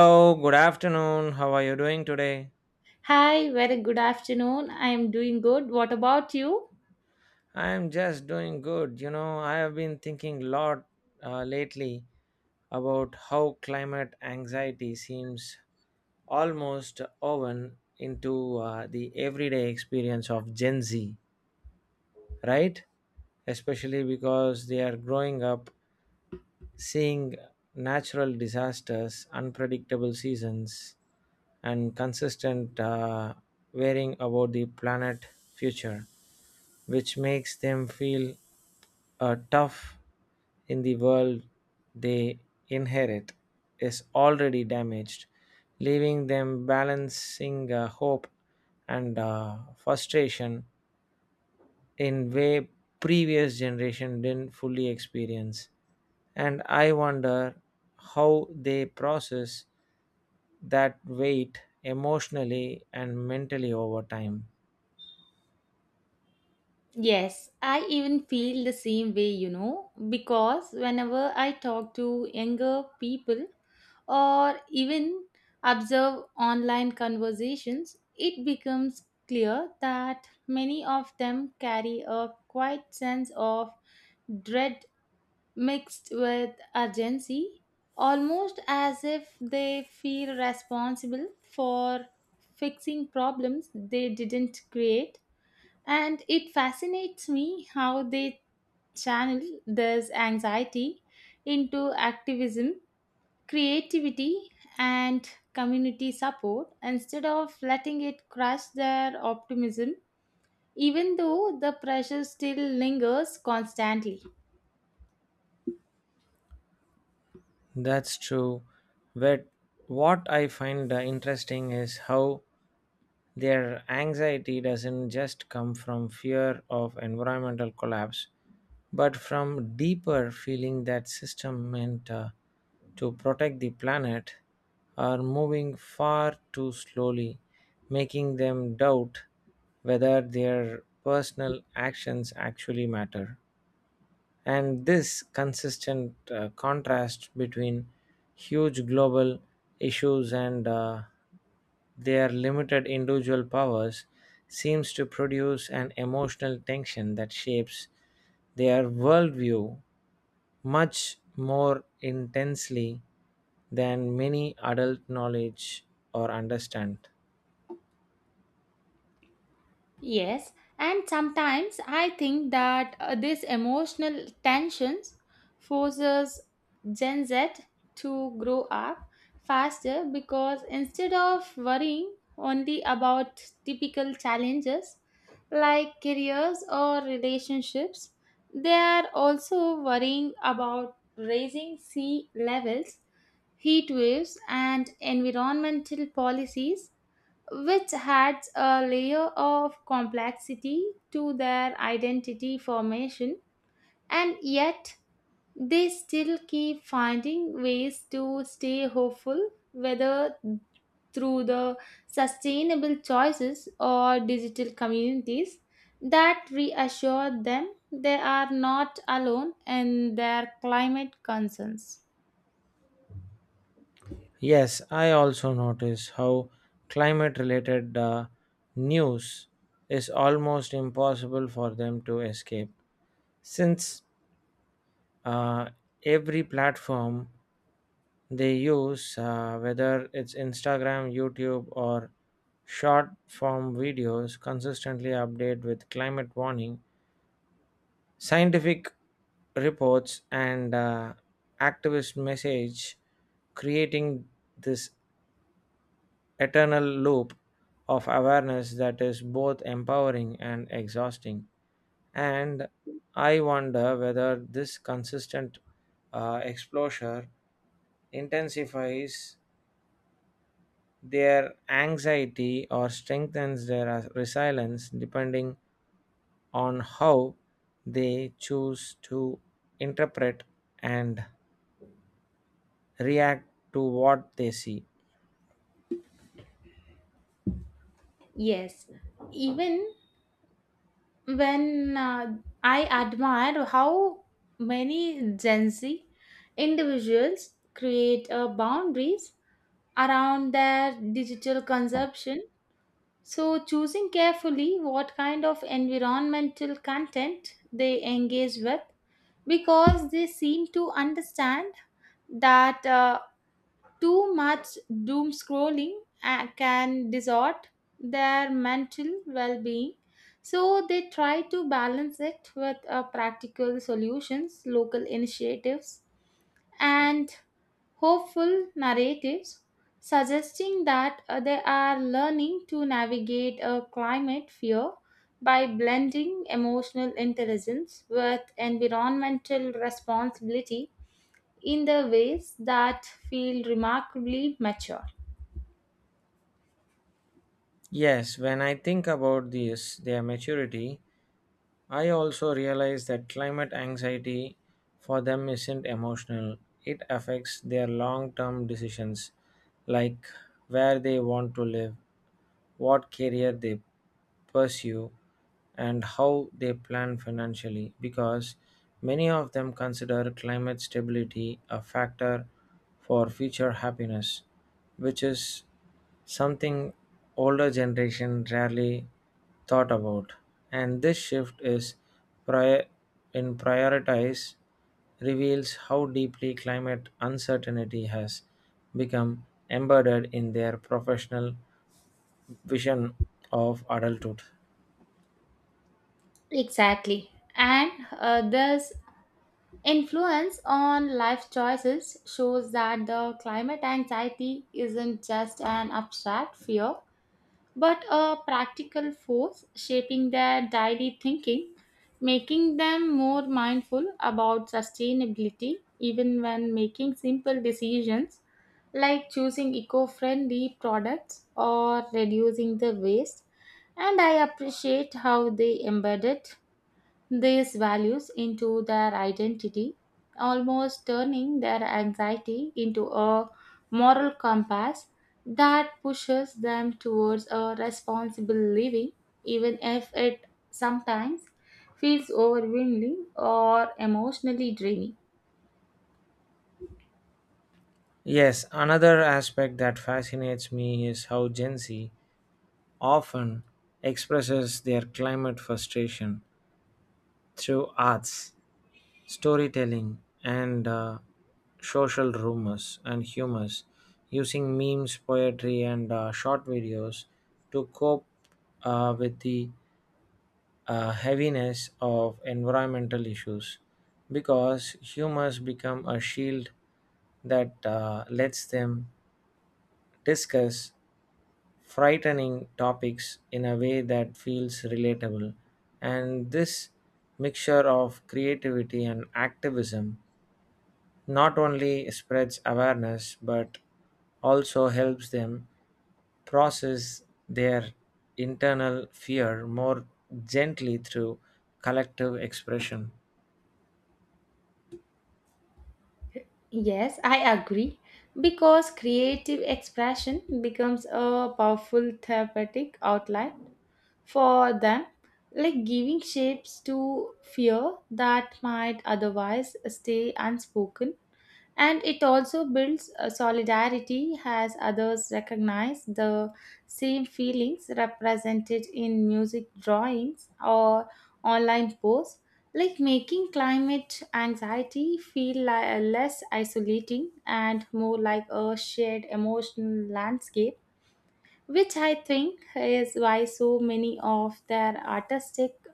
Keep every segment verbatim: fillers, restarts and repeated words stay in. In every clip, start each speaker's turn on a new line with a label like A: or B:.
A: Hello, good afternoon. How are you doing today?
B: Hi, very good afternoon. I am doing good. What about you?
A: I am just doing good. You know, I have been thinking a lot uh, lately about how climate anxiety seems almost woven into uh, the everyday experience of Gen Z, right? Especially because they are growing up seeing natural disasters, unpredictable seasons, and consistent uh, worrying about the planet future, which makes them feel uh, tough in the world they inherit is already damaged, leaving them balancing uh, hope and uh, frustration in way previous generation didn't fully experience, and I wonder how they process that weight emotionally and mentally over time.
B: Yes, I even feel the same way, you know, because whenever I talk to younger people or even observe online conversations, it becomes clear that many of them carry a quiet sense of dread mixed with urgency, almost as if they feel responsible for fixing problems they didn't create. And it fascinates me how they channel this anxiety into activism, creativity, and community support instead of letting it crush their optimism, even though the pressure still lingers constantly.
A: That's true, but what I find uh, interesting is how their anxiety doesn't just come from fear of environmental collapse, but from deeper feeling that system meant uh, to protect the planet are moving far too slowly, making them doubt whether their personal actions actually matter. And this consistent uh, contrast between huge global issues and uh, their limited individual powers seems to produce an emotional tension that shapes their worldview much more intensely than many adult knowledge or understand.
B: Yes, and sometimes I think that uh, this emotional tensions forces Gen Z to grow up faster because instead of worrying only about typical challenges like careers or relationships, they are also worrying about raising sea levels, heat waves, and environmental policies which adds a layer of complexity to their identity formation, and yet they still keep finding ways to stay hopeful, whether through the sustainable choices or digital communities that reassure them they are not alone in their climate concerns.
A: Yes, I also notice how climate related uh, news is almost impossible for them to escape since uh, every platform they use, uh, whether it's Instagram, YouTube, or short form videos, consistently update with climate warning, scientific reports, and uh, activist message, creating this eternal loop of awareness that is both empowering and exhausting. And I wonder whether this consistent uh, exposure intensifies their anxiety or strengthens their uh, resilience depending on how they choose to interpret and react to what they see.
B: Yes, even when uh, I admire how many Gen Z individuals create uh, boundaries around their digital consumption. So, choosing carefully what kind of environmental content they engage with because they seem to understand that. Uh, too much doom scrolling uh, can distort their mental well being, so they try to balance it with uh, practical solutions, local initiatives, and hopeful narratives, suggesting that uh, they are learning to navigate a climate fear by blending emotional intelligence with environmental responsibility in the ways that feel remarkably mature.
A: Yes, when I think about this, their maturity, I also realize that climate anxiety for them isn't emotional, it affects their long term decisions, like where they want to live, what career they pursue, and how they plan financially, because many of them consider climate stability a factor for future happiness, which is something older generation rarely thought about, and this shift is prior in prioritize reveals how deeply climate uncertainty has become embedded in their professional vision of adulthood.
B: Exactly. And uh, this influence on life choices shows that the climate anxiety isn't just an abstract fear, but a practical force shaping their daily thinking, making them more mindful about sustainability, even when making simple decisions like choosing eco friendly products or reducing the waste. And I appreciate how they embedded these values into their identity, almost turning their anxiety into a moral compass that pushes them towards a responsible living, even if it sometimes feels overwhelming or emotionally draining.
A: Yes, another aspect that fascinates me is how Gen Z often expresses their climate frustration through arts, storytelling, and uh, social rumors and humors using memes poetry and uh, short videos to cope uh, with the uh, heaviness of environmental issues because humors become a shield that uh, lets them discuss frightening topics in a way that feels relatable. And this mixture of creativity and activism not only spreads awareness but also helps them process their internal fear more gently through collective expression.
B: Yes, I agree. Because creative expression becomes a powerful therapeutic outlet for them, like giving shapes to fear that might otherwise stay unspoken. And it also builds a solidarity as others recognize the same feelings represented in music drawings or online posts, like making climate anxiety feel li- less isolating and more like a shared emotional landscape which I think is why so many of their artistic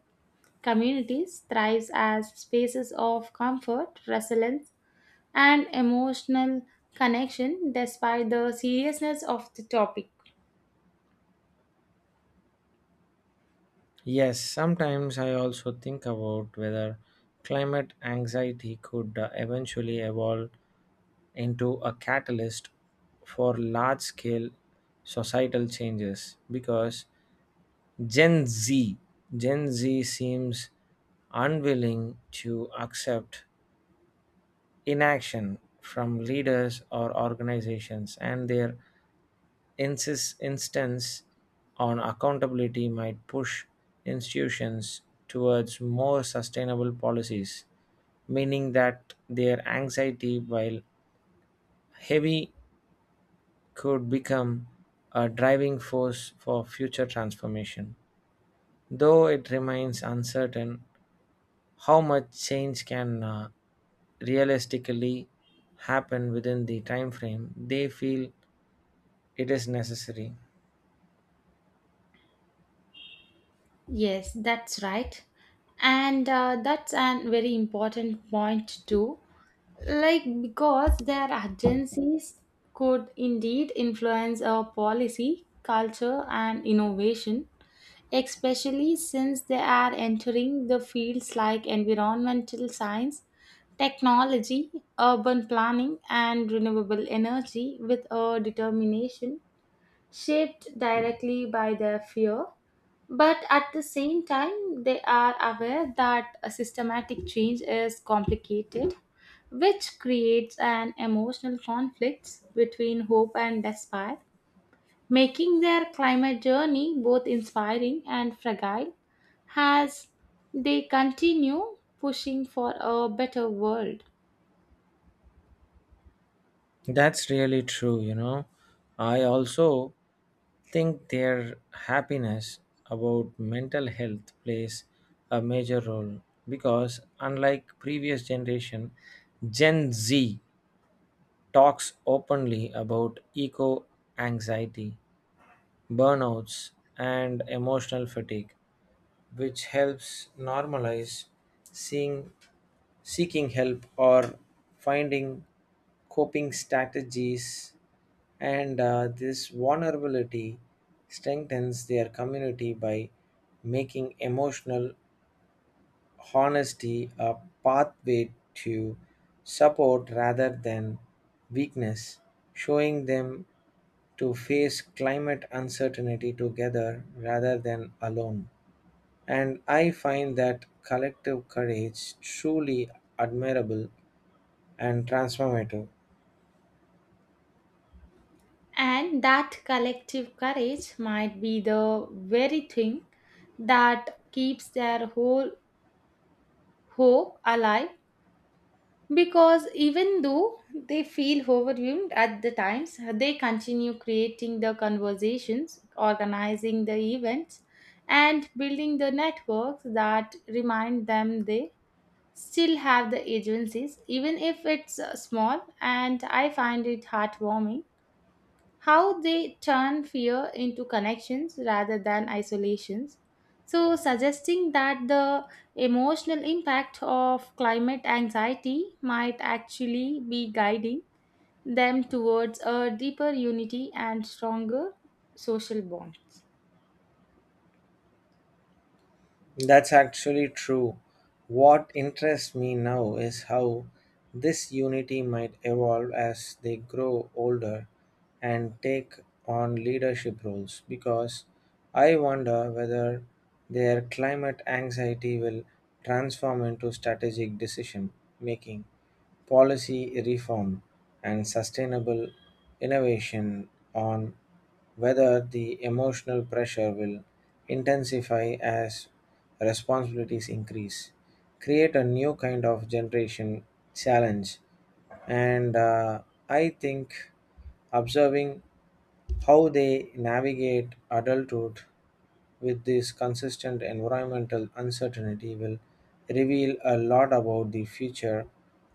B: communities thrives as spaces of comfort, resilience, and emotional connection despite the seriousness of the topic.
A: Yes, sometimes I also think about whether climate anxiety could uh, eventually evolve into a catalyst for large scale societal changes because Gen Z. Gen Z seems unwilling to accept inaction from leaders or organizations, and their insist- insistence on accountability might push institutions towards more sustainable policies, meaning that their anxiety, while heavy, could become a driving force for future transformation. Though it remains uncertain, how much change can uh, realistically happen within the time frame they feel it is necessary.
B: Yes, that's right. And uh, that's a very important point too. Like, because their agencies could indeed influence our policy, culture, and innovation especially since they are entering the fields like environmental science, technology, urban planning, and renewable energy with a determination shaped directly by their fear. But at the same time, they are aware that a systematic change is complicated, which creates an emotional conflict between hope and despair making their climate journey both inspiring and fragile as they continue pushing for a better world.
A: That's really true, you know, I also think their happiness about mental health plays a major role because unlike previous generation Gen Z talks openly about eco anxiety burnouts and emotional fatigue which helps normalize seeing, seeking help or finding coping strategies. And uh, this vulnerability strengthens their community by making emotional honesty a pathway to support rather than weakness, showing them to face climate uncertainty together rather than alone. And I find that collective courage truly admirable and transformative.
B: And that collective courage might be the very thing that keeps their whole hope alive. Because even though they feel overwhelmed at the times, they continue creating the conversations, organizing the events, and building the networks that remind them they still have the agencies, even if it's uh, small. And I find it heartwarming how they turn fear into connections rather than isolations. So, suggesting that the emotional impact of climate anxiety might actually be guiding them towards a deeper unity and stronger social bonds.
A: That's actually true. What interests me now is how this unity might evolve as they grow older and take on leadership roles because I wonder whether their climate anxiety will transform into strategic decision making, policy reform, and sustainable innovation on whether the emotional pressure will intensify as responsibilities increase create a new kind of generation challenge, and uh, I think observing how they navigate adulthood with this consistent environmental uncertainty will reveal a lot about the future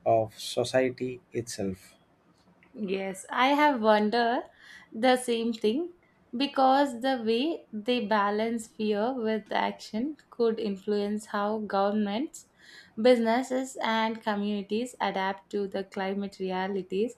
A: of society itself.
B: Yes, I have wondered the same thing because the way they balance fear with action could influence how governments, businesses, and communities adapt to the climate realities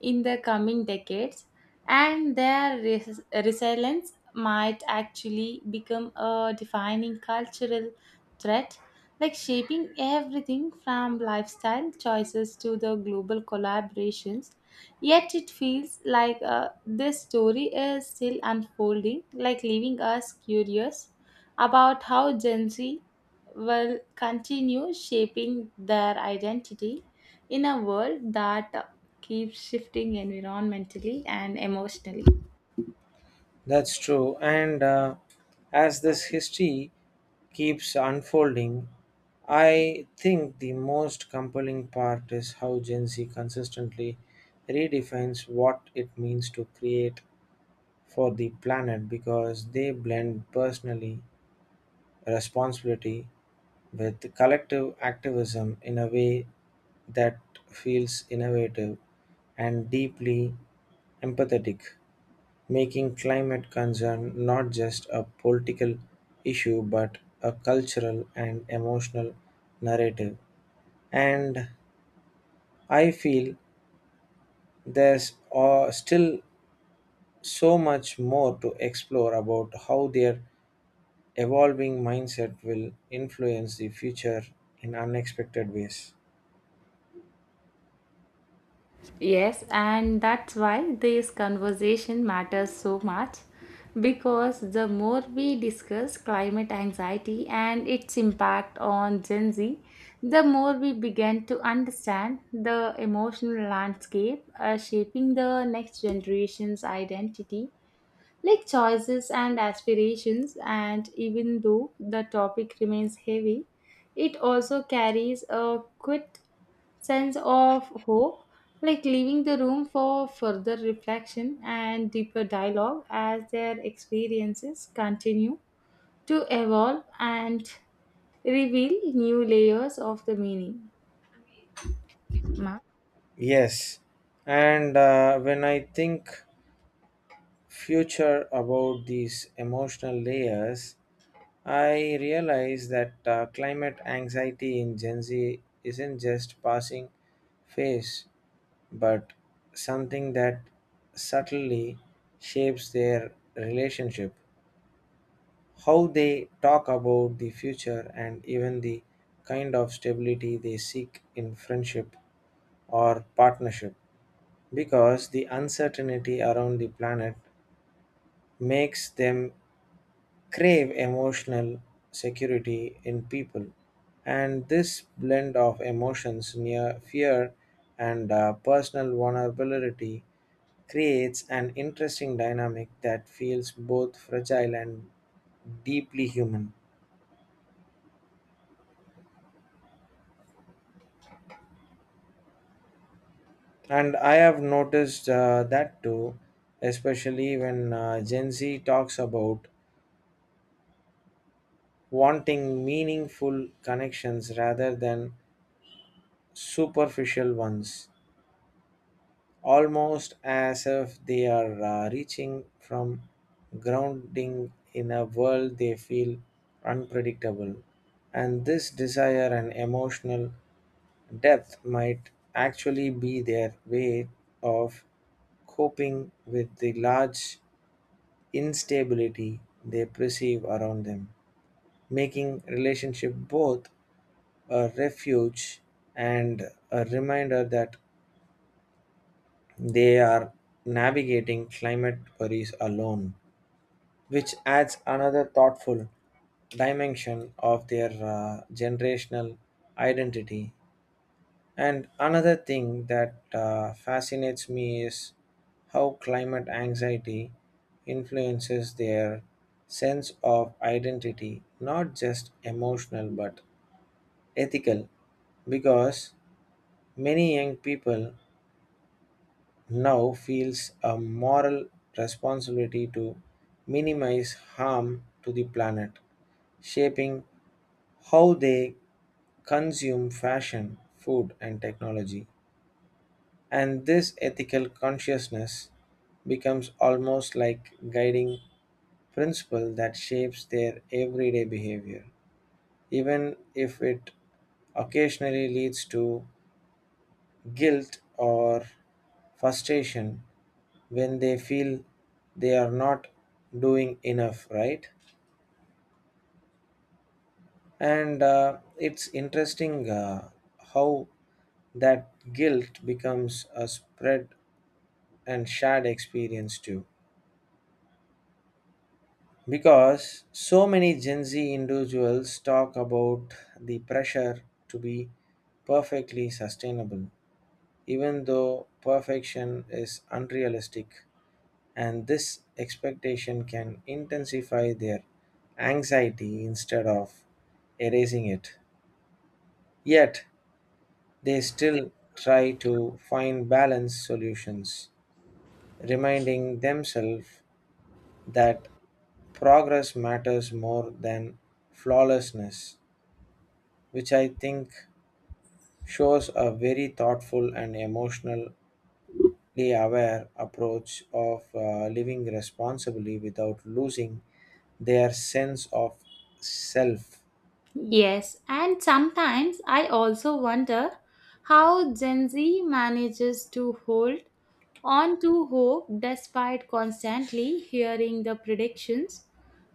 B: in the coming decades, and their res- resilience might actually become a defining cultural threat, like shaping everything from lifestyle choices to the global collaborations. Yet it feels like uh, this story is still unfolding, like leaving us curious about how Gen Z will continue shaping their identity in a world that keeps shifting environmentally and emotionally.
A: That's true, and uh, as this history keeps unfolding, I think the most compelling part is how Gen Z consistently redefines what it means to create for the planet because they blend personally responsibility with collective activism in a way that feels innovative and deeply empathetic, making climate concern not just a political issue but a cultural and emotional narrative. And I feel there's uh, still so much more to explore about how their evolving mindset will influence the future in unexpected ways.
B: Yes, and that's why this conversation matters so much because the more we discuss climate anxiety and its impact on Gen Z, the more we begin to understand the emotional landscape uh, shaping the next generation's identity like choices and aspirations and even though the topic remains heavy it also carries a quick sense of hope like leaving the room for further reflection and deeper dialogue as their experiences continue to evolve and reveal new layers of the meaning.
A: Yes, and uh, when I think future about these emotional layers, I realize that uh, climate anxiety in Gen Z isn't just passing phase, but something that subtly shapes their relationship, how they talk about the future, and even the kind of stability they seek in friendship or partnership because the uncertainty around the planet makes them crave emotional security in people. And this blend of emotions near fear and uh, personal vulnerability creates an interesting dynamic that feels both fragile and deeply human. And I have noticed uh, that too, especially when uh, Gen Z talks about wanting meaningful connections rather than superficial ones, almost as if they are uh, reaching from grounding in a world they feel unpredictable. And this desire and emotional depth might actually be their way of coping with the large instability they perceive around them, making relationship both a refuge and a reminder that they are navigating climate worries alone, which adds another thoughtful dimension of their uh, generational identity. And another thing that uh, fascinates me is how climate anxiety influences their sense of identity, not just emotional but ethical, because many young people now feels a moral responsibility to minimize harm to the planet, shaping how they consume fashion, food, and technology. And this ethical consciousness becomes almost like guiding principle that shapes their everyday behavior, even if it occasionally leads to guilt or frustration when they feel they are not doing enough, right? And uh, it's interesting uh, how that guilt becomes a spread and shared experience too. Because so many Gen Z individuals talk about the pressure to be perfectly sustainable, even though perfection is unrealistic and this expectation can intensify their anxiety instead of erasing it. Yet, they still try to find balanced solutions, reminding themselves that progress matters more than flawlessness, which I think shows a very thoughtful and emotionally aware approach of uh, living responsibly without losing their sense of self.
B: Yes, and sometimes I also wonder how Gen Z manages to hold on to hope despite constantly hearing the predictions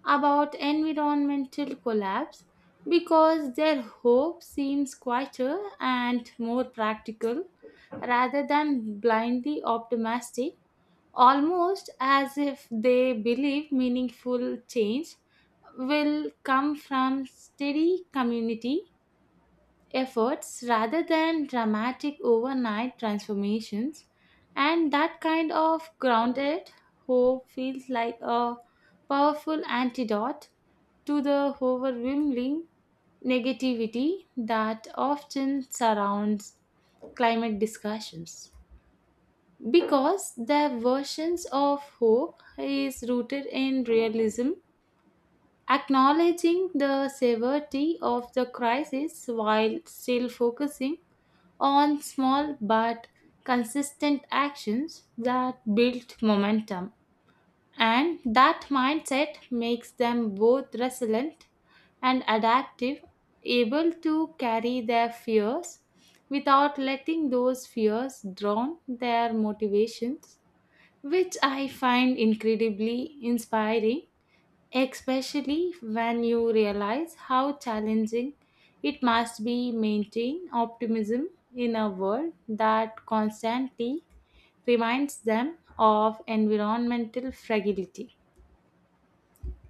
B: about environmental collapse because their hope seems quieter and more practical rather than blindly optimistic almost as if they believe meaningful change will come from steady community efforts rather than dramatic overnight transformations. And that kind of grounded hope feels like a powerful antidote to the overwhelming negativity that often surrounds climate discussions because their versions of hope is rooted in realism, acknowledging the severity of the crisis while still focusing on small but consistent actions that build momentum. And that mindset makes them both resilient and adaptive, able to carry their fears without letting those fears drown their motivations which I find incredibly inspiring, especially when you realize how challenging it must be maintain optimism in a world that constantly reminds them of environmental fragility.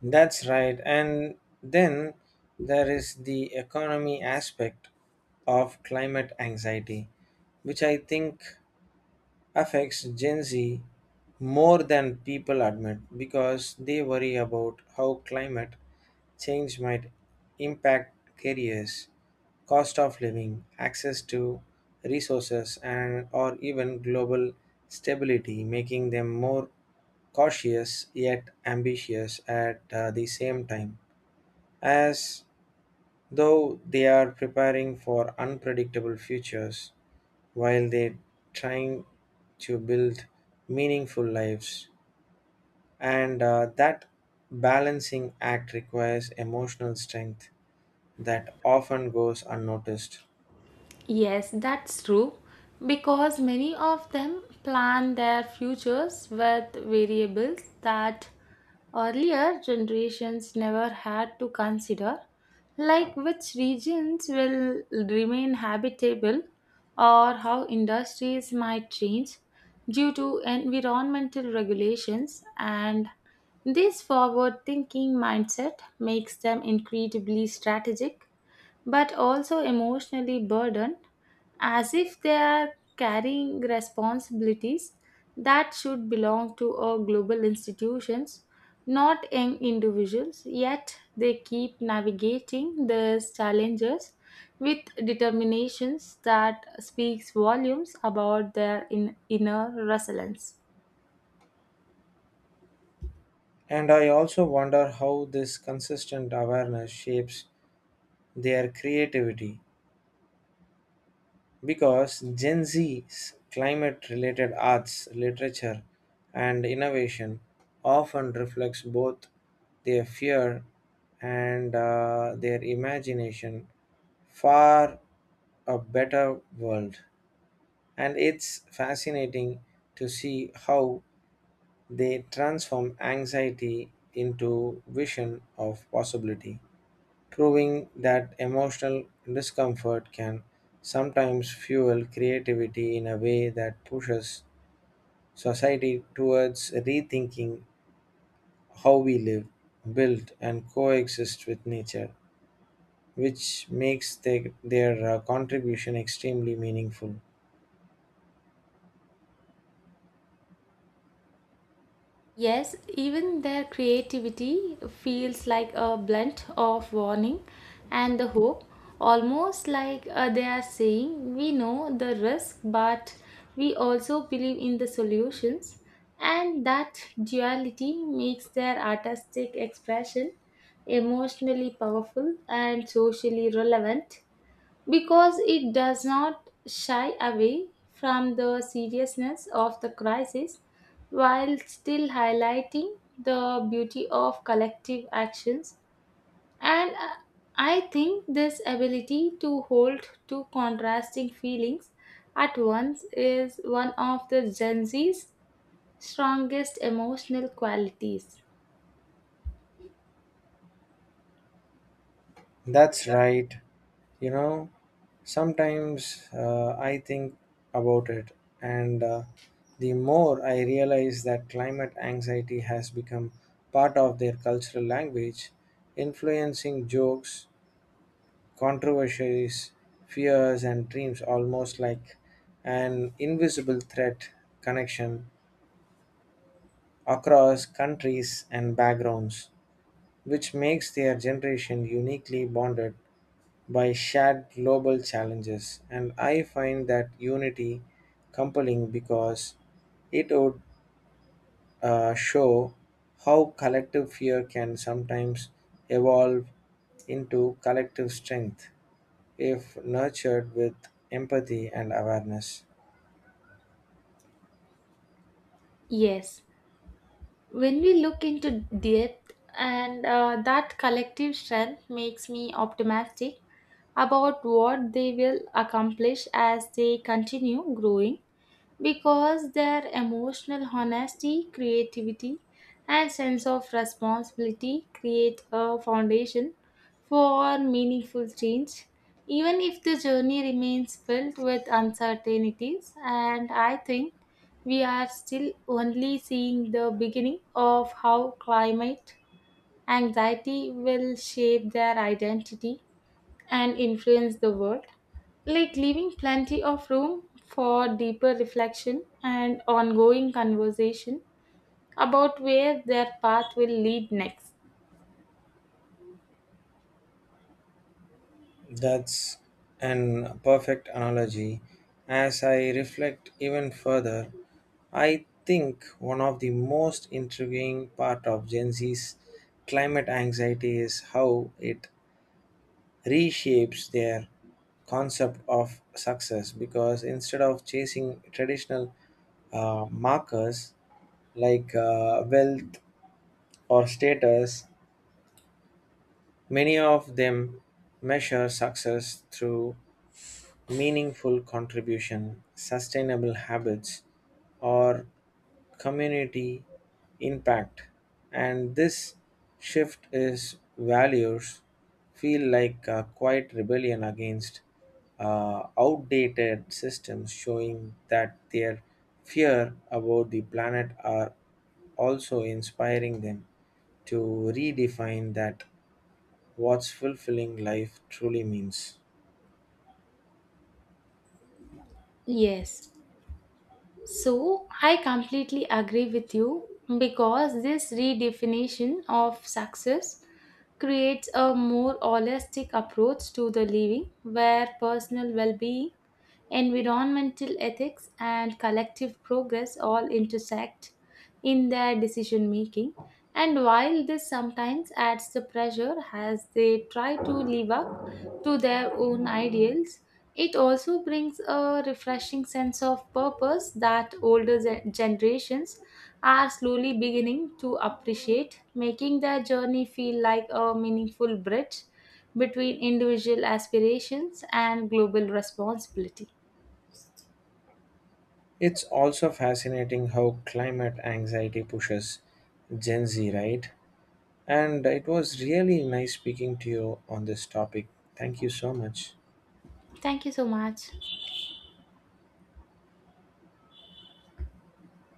A: That's right. And then there is the economy aspect of climate anxiety, which I think affects Gen Z more than people admit because they worry about how climate change might impact careers, cost of living, access to resources and or even global stability, making them more cautious yet ambitious at uh, the same time, as though they are preparing for unpredictable futures while they trying to build meaningful lives. And uh, that balancing act requires emotional strength that often goes unnoticed.
B: Yes, that's true. Because many of them plan their futures with variables that earlier generations never had to consider, like which regions will remain habitable or how industries might change due to environmental regulations. And this forward thinking mindset makes them incredibly strategic but also emotionally burdened, as if they are carrying responsibilities that should belong to our global institutions, not young individuals. Yet they keep navigating these challenges with determinations that speaks volumes about their in- inner resilience.
A: And I also wonder how this consistent awareness shapes their creativity because Gen Z's climate related arts, literature, and innovation often reflects both their fear and uh, their imagination for a better world. And it's fascinating to see how they transform anxiety into vision of possibility proving that emotional discomfort can sometimes fuel creativity in a way that pushes society towards rethinking how we live, build, and coexist with nature, which makes their, their uh, contribution extremely meaningful.
B: Yes, even their creativity feels like a blunt of warning and the hope, almost like uh, they are saying, "We know the risk, but we also believe in the solutions." And that duality makes their artistic expression emotionally powerful and socially relevant because it does not shy away from the seriousness of the crisis while still highlighting the beauty of collective actions. And uh, I think this ability to hold two contrasting feelings at once is one of the Gen Z's strongest emotional qualities.
A: That's right. You know, sometimes uh, I think about it, and uh, the more I realize that climate anxiety has become part of their cultural language, influencing jokes, controversies, fears, and dreams almost like an invisible threat connection across countries and backgrounds, which makes their generation uniquely bonded by shared global challenges. And I find that unity compelling because it would uh, show how collective fear can sometimes evolve into collective strength if nurtured with empathy and awareness.
B: Yes. When we look into depth and uh, that collective strength makes me optimistic about what they will accomplish as they continue growing because their emotional honesty, creativity, and sense of responsibility create a foundation for meaningful change, even if the journey remains filled with uncertainties. And I think we are still only seeing the beginning of how climate anxiety will shape their identity and influence the world, like leaving plenty of room for deeper reflection and ongoing conversation about where their path will lead next.
A: That's an perfect analogy. As I reflect even further, I think one of the most intriguing part of Gen Z's climate anxiety is how it reshapes their concept of success because instead of chasing traditional uh, markers like uh, wealth or status, many of them measure success through meaningful contribution, sustainable habits, or community impact and this shift is values feel like a quiet rebellion against uh, outdated systems showing that their fear about the planet are also inspiring them to redefine that what's fulfilling life truly means.
B: Yes. So I completely agree with you because this redefinition of success creates a more holistic approach to the living where personal well-being, environmental ethics and collective progress all intersect in their decision making. And while this sometimes adds the pressure as they try to live up to their own ideals, it also brings a refreshing sense of purpose that older gen- generations are slowly beginning to appreciate, making their journey feel like a meaningful bridge between individual aspirations and global responsibility.
A: It's also fascinating how climate anxiety pushes Gen Z, right? And it was really nice speaking to you on this topic. Thank you so much.
B: Thank you so much.